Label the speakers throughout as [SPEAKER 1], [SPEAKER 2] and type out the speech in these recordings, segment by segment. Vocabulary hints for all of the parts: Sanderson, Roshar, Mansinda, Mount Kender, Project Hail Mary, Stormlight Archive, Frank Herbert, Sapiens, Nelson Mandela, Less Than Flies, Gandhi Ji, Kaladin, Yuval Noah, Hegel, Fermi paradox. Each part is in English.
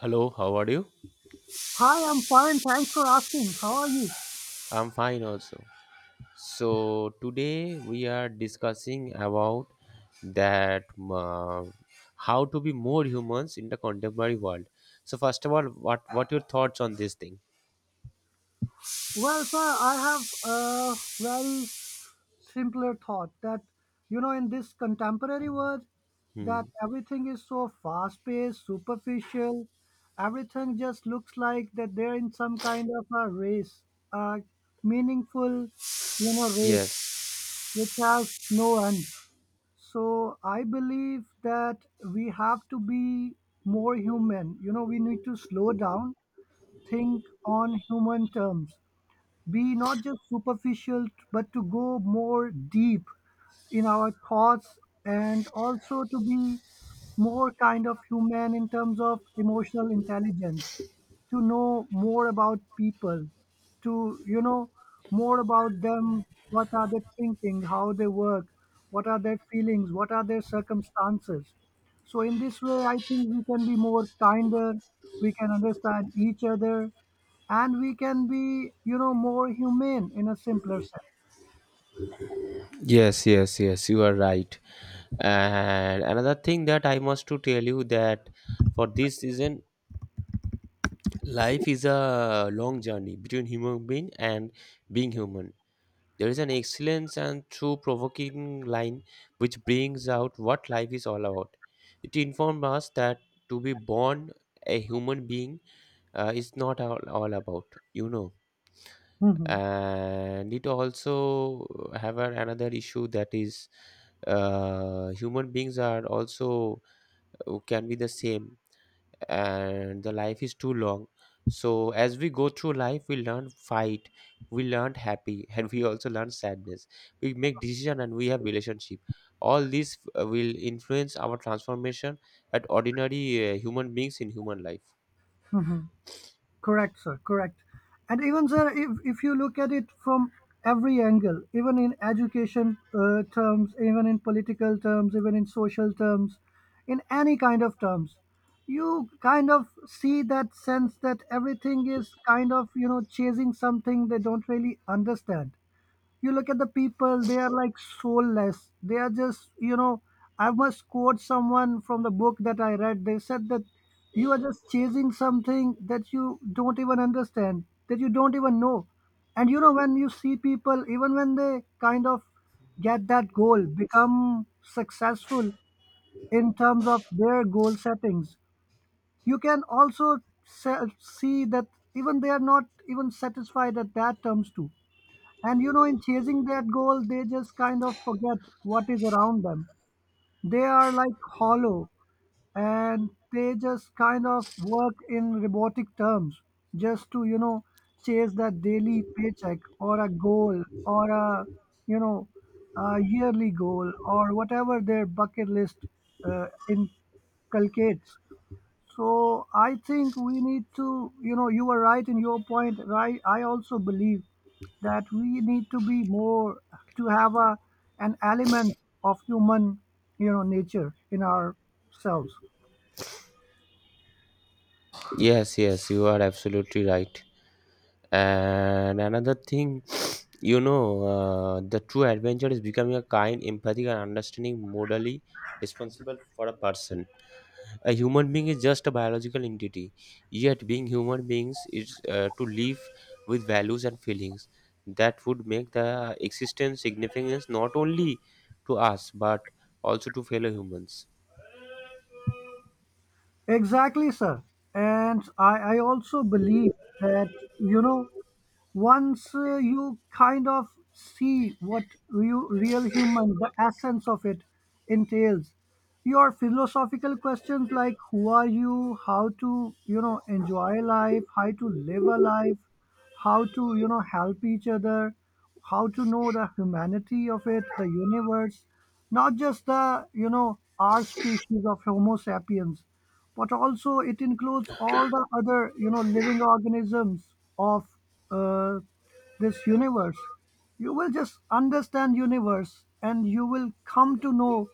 [SPEAKER 1] Hello, how are you?
[SPEAKER 2] Hi, I'm fine. Thanks for asking. How are you?
[SPEAKER 1] I'm fine also. So today we are discussing about that uh, how to be more humans in the contemporary world. So first of all, what your thoughts on this thing?
[SPEAKER 2] Well, sir, I have a very simpler thought that, in this contemporary world,
[SPEAKER 1] Hmm.
[SPEAKER 2] that everything is so fast paced, superficial. Everything just looks like that they're in some kind of a race, a meaningful, race
[SPEAKER 1] Yes,
[SPEAKER 2] which has no end. So I believe that we have to be more human. We need to slow down think on human terms. Be not just superficial, but to go more deep in our thoughts, and also to be more kind of human in terms of emotional intelligence, to know more about people, to more about them, what are they thinking, how they work, what are their feelings, what are their circumstances. So in this way I think we can be more kinder, we can understand each other, and we can be more humane in a simpler sense.
[SPEAKER 1] yes, yes, yes. You are right. And another thing that I must to tell you that for this season, life is a long journey between human being and being human. There is an excellence and through provoking line which brings out what life is all about. It informs us that to be born a human being is not all about, you know.
[SPEAKER 2] Mhm.
[SPEAKER 1] And it also have another issue that is human beings are also can be the same, and the life is too long. So as we go through life, we learn fight, we learn happy and we also learn sadness. We make decision and we have relationship. All these will influence our transformation at ordinary human beings in human life.
[SPEAKER 2] Mhm. Correct, sir. Correct. And even, sir, if you look at it from every angle, even in education terms, even in political terms, even in social terms, in any kind of terms, you kind of see that sense that everything is kind of, chasing something they don't really understand. You look at the people, they are like soulless, they are just. I must quote someone from the book that I read. They said that you are just chasing something that you don't even understand, that you don't even know. And when you see people, even when they kind of get that goal, become successful in terms of their goal settings, you can also see that even they are not even satisfied at that terms too. And in chasing that goal, they just kind of forget what is around them. They are like hollow, and they just kind of work in robotic terms just to, chase that daily paycheck or a goal or a, you know, a yearly goal or whatever their bucket list inculcates. So I think we need to, you are right in your point. Right, I also believe that we need to be more, to have a an element of human, nature in ourselves.
[SPEAKER 1] Yes, yes, you are absolutely right. And another thing, you know, the true adventure is becoming a kind empathic and understanding morally responsible for a person. A human being is just a biological entity, yet being human beings is to live with values and feelings that would make the existence significance not only to us but also to fellow humans.
[SPEAKER 2] Exactly, sir. And I also believe that, you know, once you kind of see what real, real human, the essence of it entails, your philosophical questions like who are you, how to, enjoy life, how to live a life, how to help each other, how to know the humanity of it, the universe, not just the our species of homo sapiens, but also it includes all the other living organisms of uh, this universe. You will just understand universe and you will come to know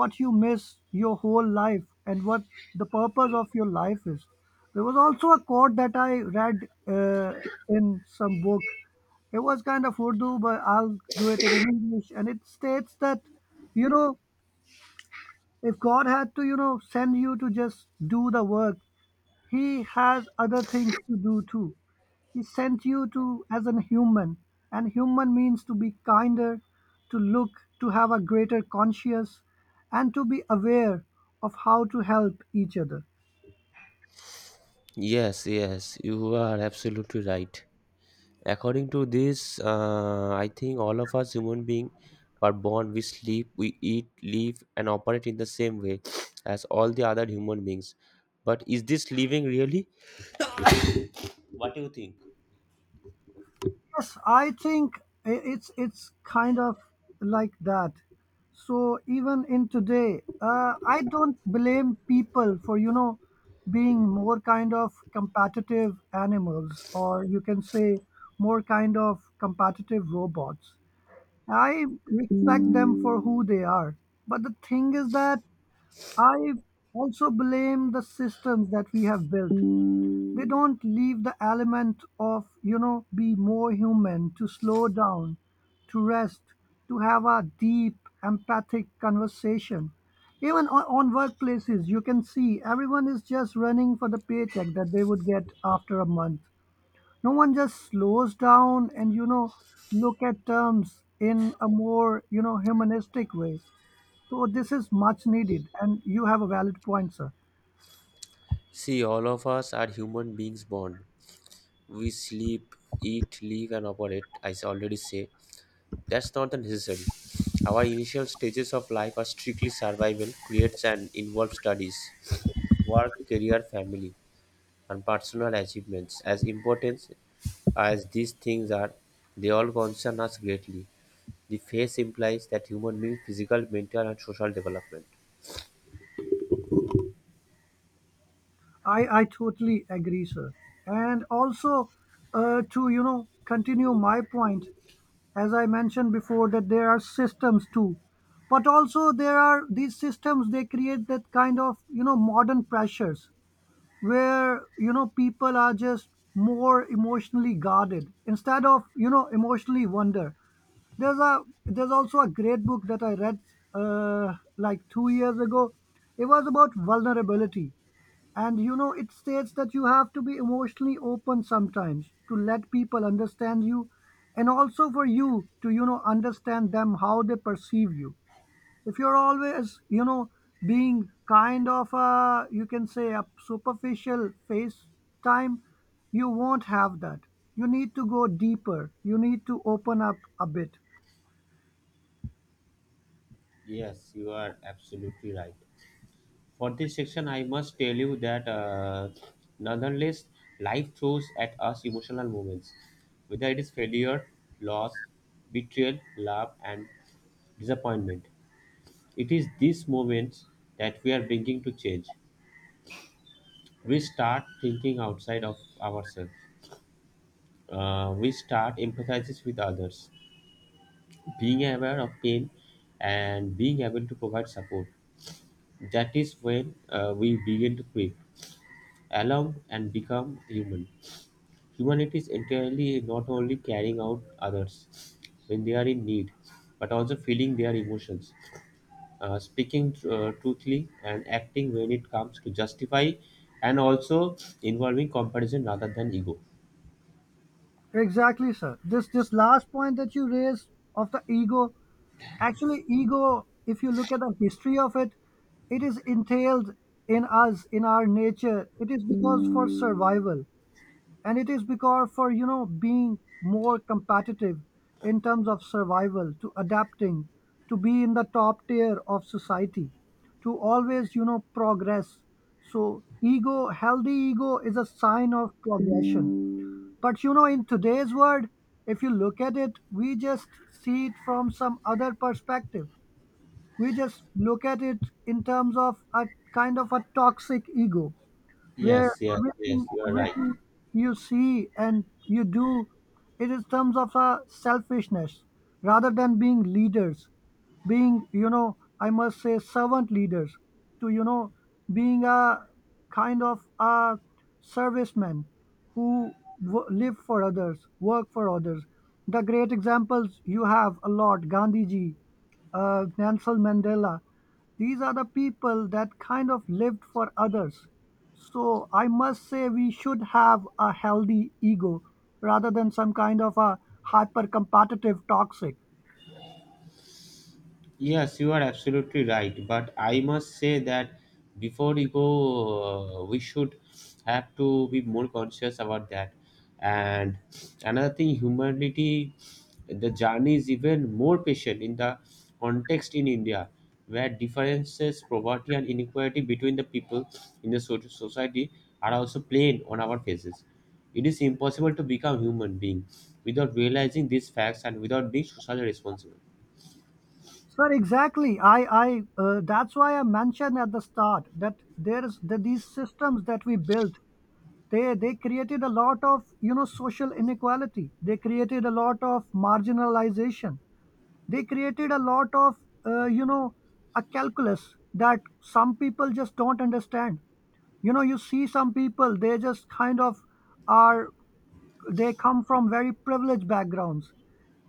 [SPEAKER 2] what you miss your whole life and what the purpose of your life is. There was also a quote that I read in some book. It was kind of Urdu, but I'll do it in English, and it states that, you know if God had to send you to just do the work, he has other things to do too. He sent you to as a human, and human means to be kinder, to look, to have a greater conscience, and to be aware of how to help each other.
[SPEAKER 1] Yes, yes, you are absolutely right. According to this, I think all of us human beings are born, we sleep, we eat, live, and operate in the same way as all the other human beings. But is this living really? What do you think?
[SPEAKER 2] Yes, I think it's kind of like that. So even in today, I don't blame people for being more kind of competitive animals, or you can say more kind of competitive robots. I respect them for who they are, but the thing is that I also blame the systems that we have built. We don't leave the element of be more human, to slow down, to rest, to have a deep empathic conversation. Even on workplaces, you can see everyone is just running for the paycheck that they would get after a month. No one just slows down and look at terms in a more humanistic way. So this is much needed, and you have a valid point, sir.
[SPEAKER 1] See, all of us are human beings born. We sleep, eat, live, and operate, as I already say. That's not a necessary. Our initial stages of life are strictly survival, creates and involve studies, work, career, family, and personal achievements. As important as these things are, they all concern us greatly. The phase implies that human means physical, mental, and social development.
[SPEAKER 2] I totally agree, sir. And also, to continue my point, as I mentioned before, that there are systems too, but also there are these systems they create that kind of modern pressures, where people are just more emotionally guarded instead of emotionally wonder. There's also a great book that I read like 2 years ago. It was about vulnerability, and it states that you have to be emotionally open sometimes to let people understand you, and also for you to understand them, how they perceive you. If you're always being kind of a, you can say, a superficial face time, you won't have that. You need to go deeper. You need to open up a bit.
[SPEAKER 1] Yes, you are absolutely right. For this section, I must tell you that nonetheless, life throws at us emotional moments, whether it is failure, loss, betrayal, love, and disappointment. It is these moments that we are bringing to change. We start thinking outside of ourselves. We start empathizing with others, being aware of pain, and being able to provide support. That is when we begin to creep, along, and become human. Humanity is entirely not only carrying out others when they are in need, but also feeling their emotions, speaking truthfully, and acting when it comes to justify, and also involving comparison rather than ego.
[SPEAKER 2] Exactly, sir. This last point that you raised of the ego, actually, ego. If you look at the history of it, it is entailed in us, in our nature. It is because for survival, and it is because for being more competitive in terms of survival, to adapting, to be in the top tier of society, to always progress. So, ego, healthy ego, is a sign of progression. But in today's world, if you look at it, we just see it from some other perspective. We just look at it in terms of a kind of a toxic ego, where
[SPEAKER 1] Yes, yes,
[SPEAKER 2] everything
[SPEAKER 1] yes, you are right.
[SPEAKER 2] everything you see and you do, it is terms of a selfishness, rather than being leaders, being I must say servant leaders, to being a kind of a serviceman who live for others, work for others. The great examples you have a lot: Gandhi Ji, Nelson Mandela. These are the people that kind of lived for others. So I must say we should have a healthy ego rather than some kind of a hyper competitive toxic.
[SPEAKER 1] Yes, you are absolutely right. But I must say that before we go, we should have to be more conscious about that. And another thing, humanity, the journey is even more patient in the context in India, where differences, poverty, and inequality between the people in the society are also plain on our faces. It is impossible to become human being without realizing these facts and without being socially responsible.
[SPEAKER 2] Sir, exactly. That's why I mentioned at the start that there's that these systems that we built. They created a lot of social inequality. They created a lot of marginalization. They created a lot of uh, you know a calculus that some people just don't understand. You see some people, they just kind of are, they come from very privileged backgrounds.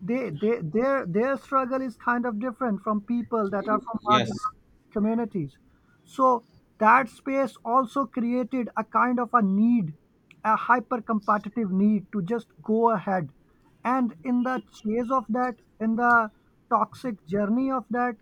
[SPEAKER 2] Their struggle is kind of different from people that are from
[SPEAKER 1] Yes,
[SPEAKER 2] marginal communities. So that space also created a kind of a need, a hyper competitive need to just go ahead. And in the chase of that, in the toxic journey of that,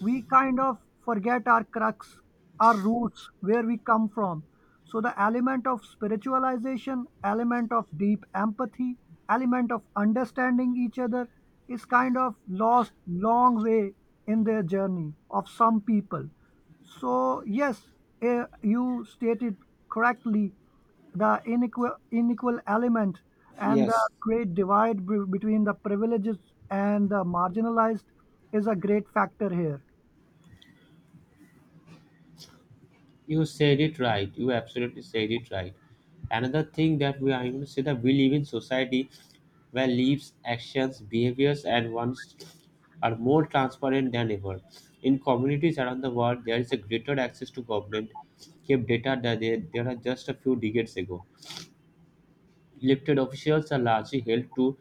[SPEAKER 2] we kind of forget our crux, our roots, where we come from. So the element of spiritualization, element of deep empathy, element of understanding each other, is kind of lost long way in their journey of some people. So yes, you stated correctly the inequal element, and the
[SPEAKER 1] yes,
[SPEAKER 2] great divide between the privileged and the marginalized is a great factor here.
[SPEAKER 1] you said it right. You absolutely said it right. Another thing that we are gonna say that we live in society where lives, actions, behaviors, and wants are more transparent than ever. In communities around the world, there is a greater access to government kept data that there are just a few decades ago. Elected officials are largely held to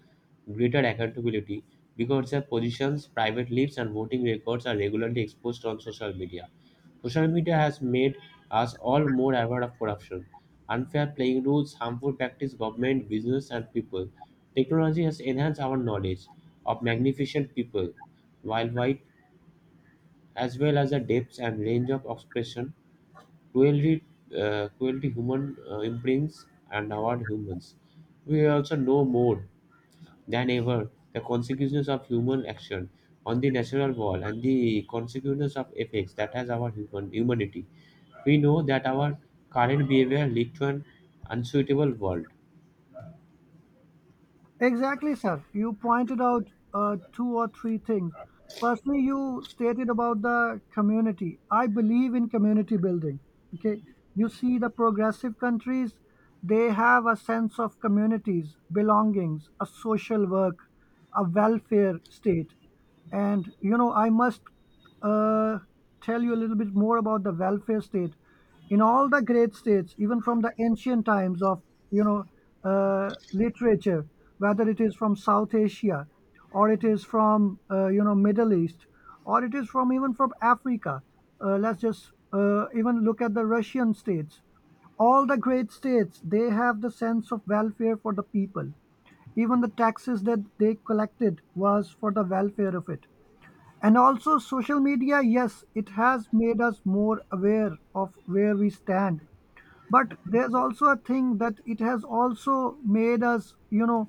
[SPEAKER 1] greater accountability because their positions, private lives, and voting records are regularly exposed on social media. Social media has made us all more aware of corruption, unfair playing rules, harmful practice, government, business, and people. Technology has enhanced our knowledge of magnificent people worldwide as well as the depths and range of expression. Cruelty, cruelty, human imprints and award humans. We also know more than ever the consequences of human action on the natural world and the consequences of effects that has our human humanity. We know that our current behavior lead to an unsuitable world.
[SPEAKER 2] Exactly, sir. You pointed out two or three things. Firstly, you stated about the community. I believe in community building. Okay. You see, the progressive countries, they have a sense of communities, belongings, a social work, a welfare state. And I must uh, tell you a little bit more about the welfare state. In all the great states, even from the ancient times of you know literature, whether it is from South Asia, or it is from Middle East, or it is from even from Africa. Let's just even look at the Russian states. All the great states, they have the sense of welfare for the people, even the taxes that they collected was for the welfare of it. And also social media, yes, it has made us more aware of where we stand, but there's also a thing that it has also made us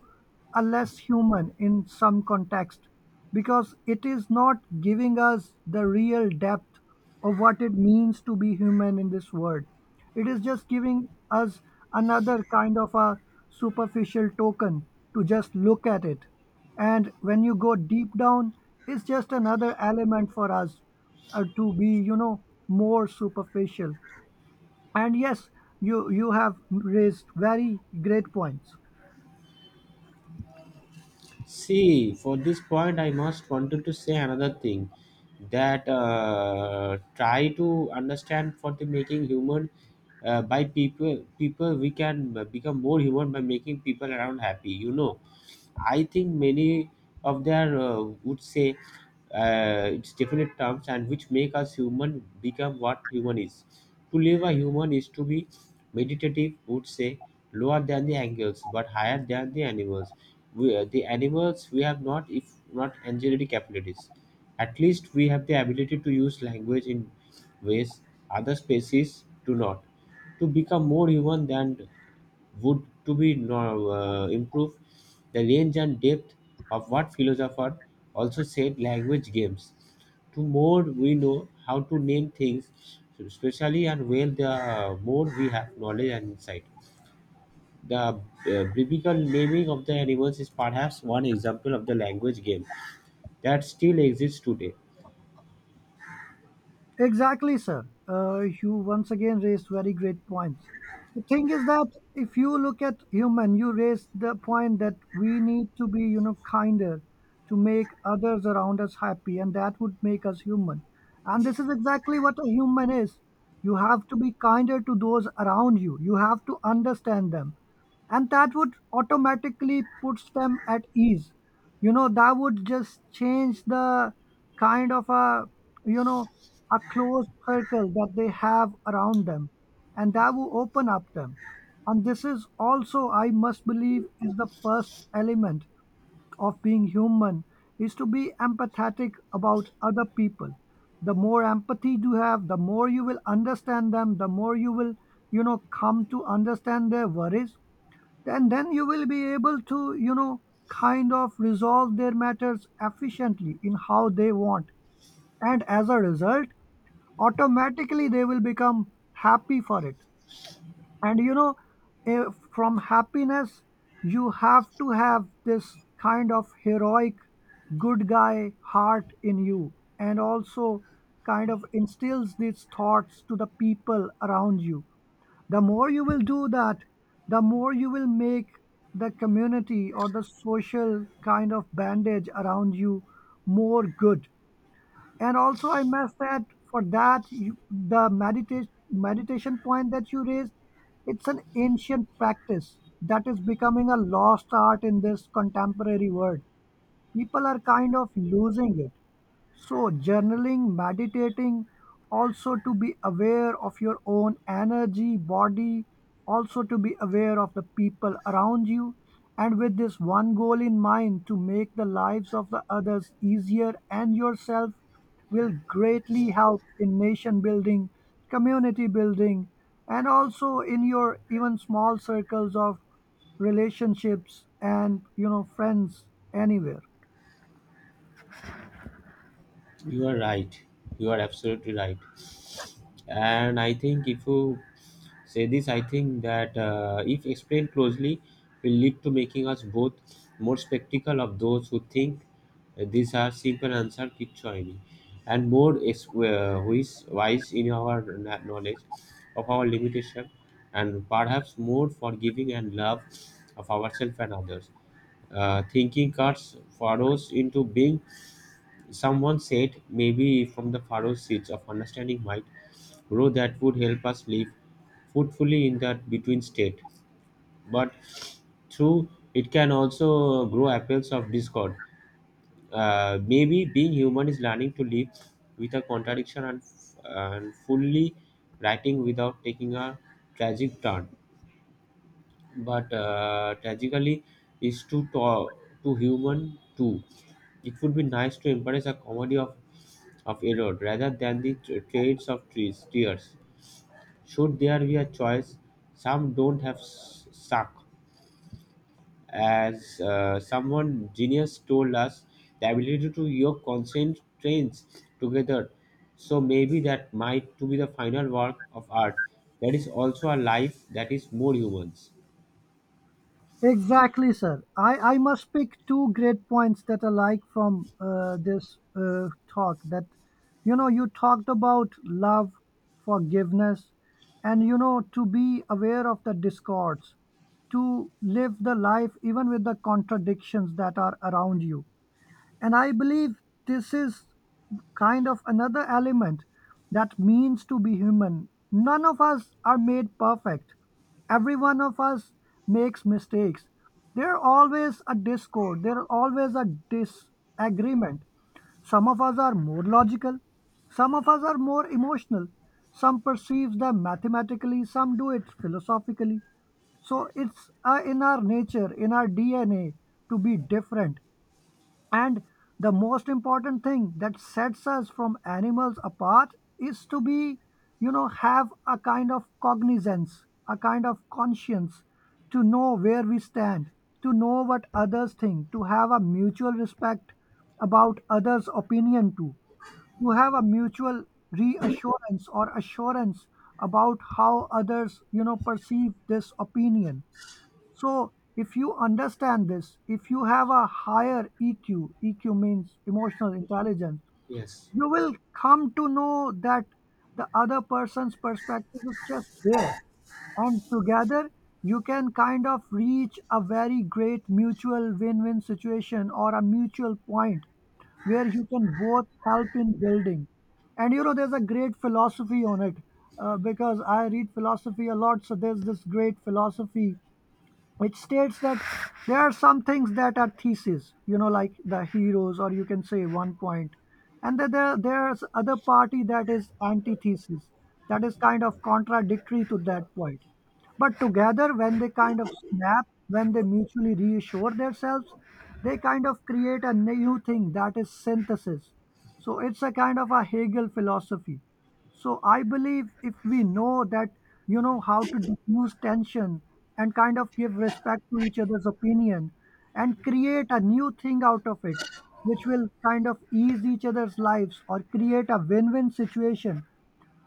[SPEAKER 2] a less human in some context, because it is not giving us the real depth of what it means to be human in this world. It is just giving us another kind of a superficial token to just look at it, and when you go deep down, it's just another element for us to be more superficial. And yes, you have raised very great points.
[SPEAKER 1] See, for this point, I must wanted to say another thing that try to understand for the making human by people we can become more human by making people around happy, you know. I think many of their would say its definite terms and which make us human become what human is. To live a human is to be meditative, would say lower than the angels but higher than the animals. We, the animals we have not, if not angelic capabilities. At least we have the ability to use language in ways other species do not. To become more human than would to be improve the range and depth of what philosopher also said language games to more we know how to name things especially and well the more we have knowledge and insight the biblical naming of the animals is perhaps one example of the language game that still exists today.
[SPEAKER 2] Exactly, sir. You once again raised very great points. The thing is that if you look at human, you raised the point that we need to be, kinder, to make others around us happy, and that would make us human. And this is exactly what a human is. You have to be kinder to those around you. You have to understand them. And that would automatically puts them at ease. That would just change the kind of a you know a closed circle that they have around them, and that will open up them. And this is also I must believe is the first element of being human, is to be empathetic about other people. The more empathy you have, the more you will understand them, the more you will come to understand their worries, and then you will be able to kind of resolve their matters efficiently in how they want. And as a result, automatically they will become happy for it. And you know eh, From happiness, you have to have this kind of heroic good guy heart in you, and also kind of instills these thoughts to the people around you. The more you will do that, the more you will make the community or the social kind of bandage around you more good. And also I must add, for that you, the meditation point that you raised, it's an ancient practice that is becoming a lost art in this contemporary world. People are kind of losing it. So, journaling, meditating, also to be aware of your own energy, body, also to be aware of the people around you, and with this one goal in mind to make the lives of the others easier, and yourself, will greatly help in nation building, community building, and also in your even small circles of relationships and friends, anywhere.
[SPEAKER 1] You are right, you are absolutely right. And I think if you say this, I think that if explained closely will lead to making us both more spectacle of those who think these are simple answer kichwaini, and more is who is wise in our knowledge of our limitation and perhaps more forgiving and love of ourselves and others. Thinking cuts furrows into being, someone said, maybe from the furrow seeds of understanding might grow that would help us live fruitfully in that between state. But through it can also grow apples of discord. Maybe being human is learning to live with a contradiction and fully writing without taking a tragic turn. But tragically, is too human too. It would be nice to embrace a comedy of error rather than the traits of trees, tears. Should there be a choice, some don't have suck. As someone genius told us, the ability to yoke constant trains together. So maybe that might to be the final work of art. That is also a life that is more humans.
[SPEAKER 2] Exactly, sir. I must pick two great points that I like from this talk. That, you know, you talked about love, forgiveness, and, you know, to be aware of the discords, to live the life even with the contradictions that are around you. And I believe this is kind of another element that means to be human. None of us are made perfect. Every one of us makes mistakes. There are always a discord, there are always a disagreement. Some of us are more logical, some of us are more emotional, some perceive them mathematically, some do it philosophically. So it's in our nature, in our DNA to be different. And the most important thing that sets us from animals apart is to be, you know, have a kind of cognizance, a kind of conscience, to know where we stand, to know what others think, to have a mutual respect about others' opinion too, to have a mutual reassurance or assurance about how others, you know, perceive this opinion. So, if you understand this, if you have a higher EQ, EQ means emotional intelligence,
[SPEAKER 1] Yes.
[SPEAKER 2] you will come to know that the other person's perspective is just there. And together, you can kind of reach a very great mutual win win situation or a mutual point where you can both help in building. And you know, there's a great philosophy on it because I read philosophy a lot. So, there's this great philosophy, it states that there are some things that are theses, you know, like the heroes, or you can say one point, and then there's other party that is antithesis, that is kind of contradictory to that point. But together when they kind of snap, when they mutually reassure themselves, they kind of create a new thing that is synthesis. So it's a kind of a Hegel philosophy. So I believe if we know that, you know, how to diffuse tension and kind of give respect to each other's opinion and create a new thing out of it, which will kind of ease each other's lives or create a win win situation,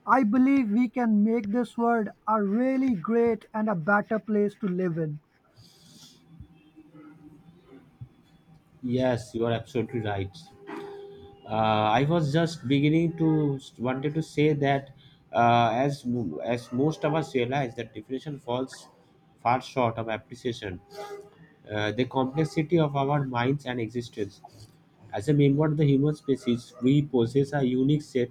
[SPEAKER 2] I believe we can make this world a really great and a better place to live in.
[SPEAKER 1] Yes, you are absolutely right. I was just beginning to wanted to say that as most of us realize that definition falls far short of appreciation. The complexity of our minds and existence. As a member of the human species, we possess a unique set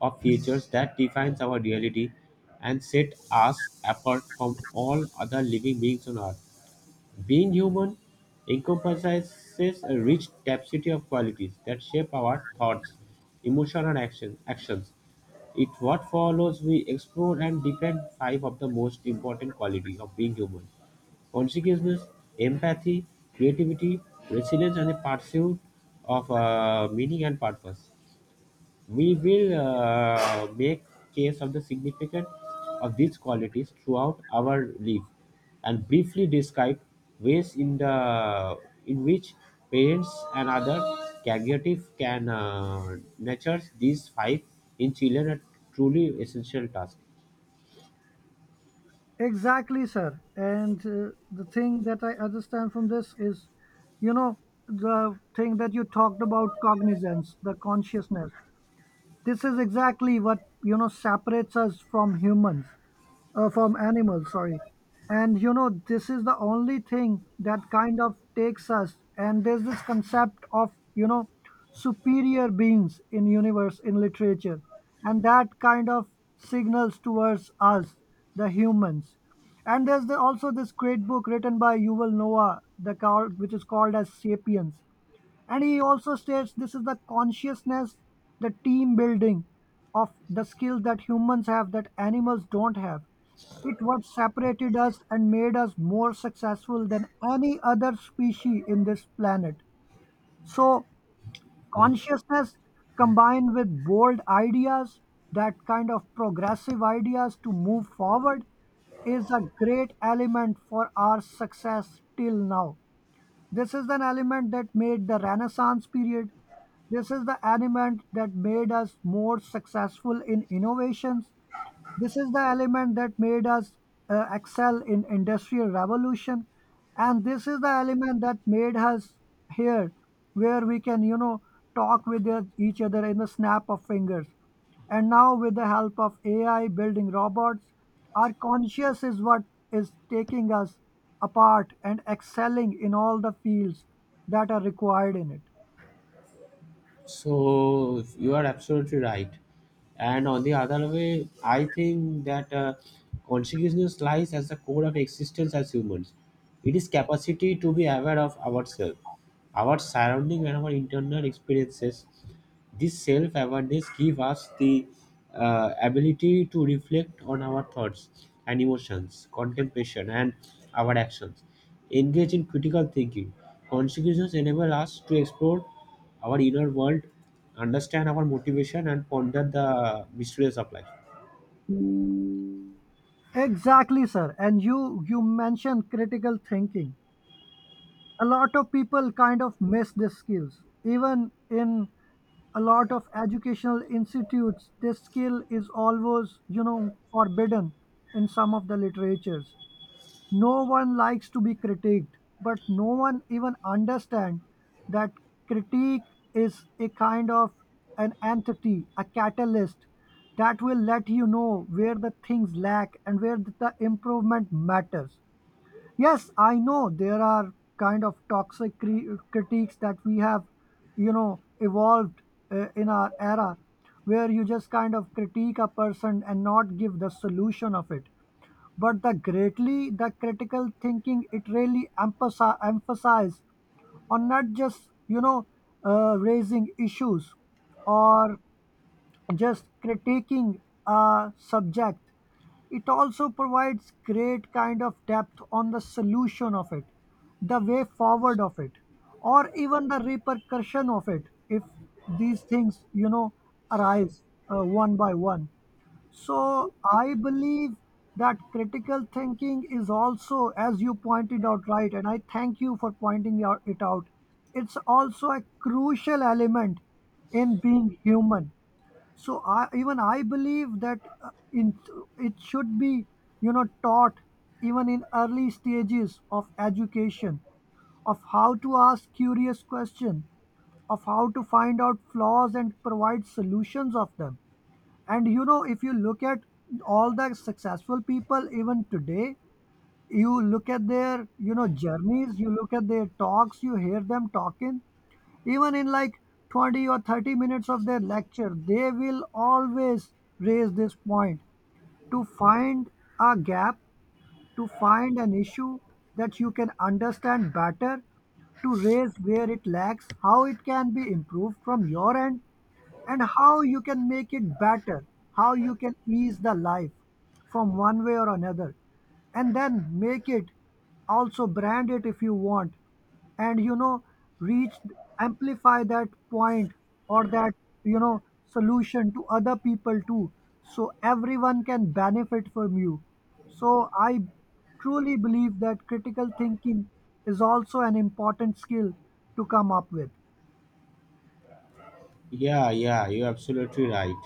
[SPEAKER 1] of features that defines our reality and set us apart from all other living beings on earth. Being human encompasses a rich tapestry of qualities that shape our thoughts, emotions, and actions. It what follows we explore and defend five of the most important qualities of being human: consciousness, empathy, creativity, resilience, and the pursuit of meaning and purpose. We will make case of the significance of these qualities throughout our life and briefly describe ways in which parents and other caregivers can nurture these five in children, a truly essential task.
[SPEAKER 2] Exactly, sir. And the thing that I understand from this is, you know, the thing that you talked about cognizance, the consciousness. This is exactly what you know separates us from humans, from animals. Sorry, and you know this is the only thing that kind of takes us. And there's this concept of you know superior beings in universe in literature, and that kind of signals towards us, the humans. And there's the, also this great book written by Yuval Noah, the called, which is called as *Sapiens*. And he also states this is the consciousness, the team building of the skills that humans have that animals don't have. It what separated us and made us more successful than any other species in this planet. So consciousness combined with bold ideas, that kind of progressive ideas to move forward, is a great element for our success till now. This is an element that made the Renaissance period. This is the element that made us more successful in innovations. This is the element that made us excel in industrial revolution, and this is the element that made us here, where we can you know talk with each other in the snap of fingers. And now, with the help of AI building robots, our conscious is what is taking us apart and excelling in all the fields that are required in it.
[SPEAKER 1] So you are absolutely right. And on the other way, I think that consciousness lies as the core of existence as humans. It is capacity to be aware of ourselves, our surrounding, and our internal experiences. This self-awareness gives us the ability to reflect on our thoughts and emotions, contemplation, and our actions. Engage in critical thinking. Consciousness enables us to explore our inner world, understand our motivation, and ponder the mysteries of life.
[SPEAKER 2] Exactly, sir. And you mentioned critical thinking. A lot of people kind of miss these skills. Even in a lot of educational institutes, this skill is always, you know, forbidden in some of the literatures. No one likes to be critiqued, but no one even understand that critique is a kind of an entity, a catalyst that will let you know where the things lack and where the improvement matters. Yes, I know there are kind of toxic critiques that we have, you know, evolved in our era, where you just kind of critique a person and not give the solution of it. But the greatly, the critical thinking, it really emphasize on not just, you know, raising issues or just critiquing a subject. It also provides great kind of depth on the solution of it, the way forward of it, or even the repercussion of it if these things you know arise one by one. So I believe that critical thinking is also, as you pointed out right, and I thank you for pointing it out, it's also a crucial element in being human. So even I believe that it should be you know taught even in early stages of education, of how to ask curious questions, of how to find out flaws and provide solutions of them. And you know if you look at all the successful people even today, you look at their you know journeys, you look at their talks, you hear them talking, even in like 20 or 30 minutes of their lecture, they will always raise this point, to find a gap, to find an issue that you can understand better, to raise where it lacks, how it can be improved from your end, and how you can make it better, how you can ease the life from one way or another, and then make it, also brand it if you want, and you know, reach, amplify that point, or that you know solution to other people too, so everyone can benefit from you. So, I truly believe that critical thinking is also an important skill to come up with.
[SPEAKER 1] Yeah, yeah, you're absolutely right.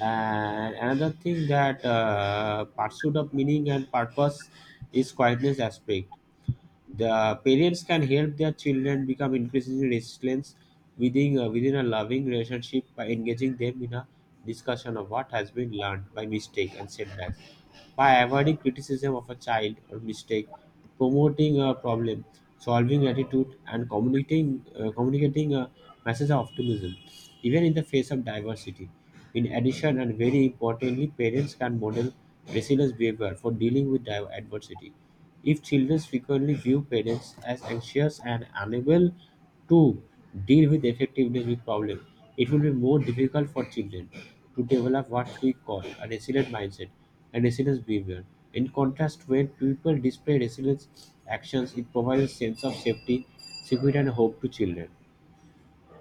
[SPEAKER 1] And another thing that pursuit of meaning and purpose is quietness aspect. The parents can help their children become increasingly resilient within a loving relationship by engaging them in a discussion of what has been learned by mistake and setbacks, by avoiding criticism of a child or mistake, promoting a problem solving attitude, and communicating a message of optimism, even in the face of diversity. In addition, and very importantly, parents can model resilient behavior for dealing with adversity. If children frequently view parents as anxious and unable to deal with effectively with problem, it will be more difficult for children to develop what we call a resilient mindset and resilience behavior. In contrast, when people display resilience actions, it provides a sense of safety, security, and hope to children.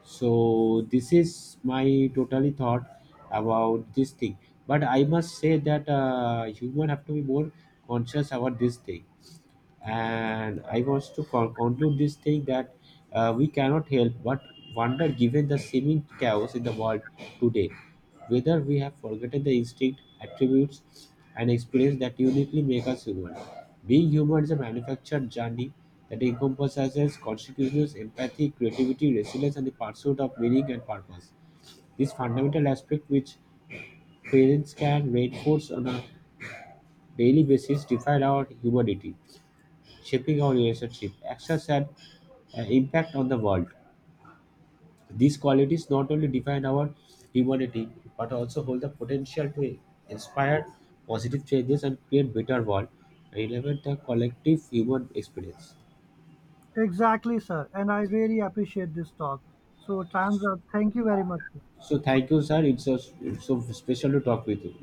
[SPEAKER 1] So this is my totally thought about this thing. But I must say that human have to be more conscious about this thing, and I wants to conclude this thing that we cannot help but wonder, given the seeming chaos in the world today, whether we have forgotten the instinct attributes and experience that uniquely make us human. Being human is a manufactured journey that encompasses consciousness, empathy, creativity, resilience, and the pursuit of meaning and purpose. This fundamental aspect, which parents can reinforce on a daily basis, define our humanity, shaping our relationship, access, and impact on the world. These qualities not only define our humanity but also hold the potential to inspire positive changes and create better world relevant to collective human experience.
[SPEAKER 2] Exactly, sir. And I really appreciate this talk. So, time's up. Thank you very much.
[SPEAKER 1] So thank you, sir. It's so special to talk with you.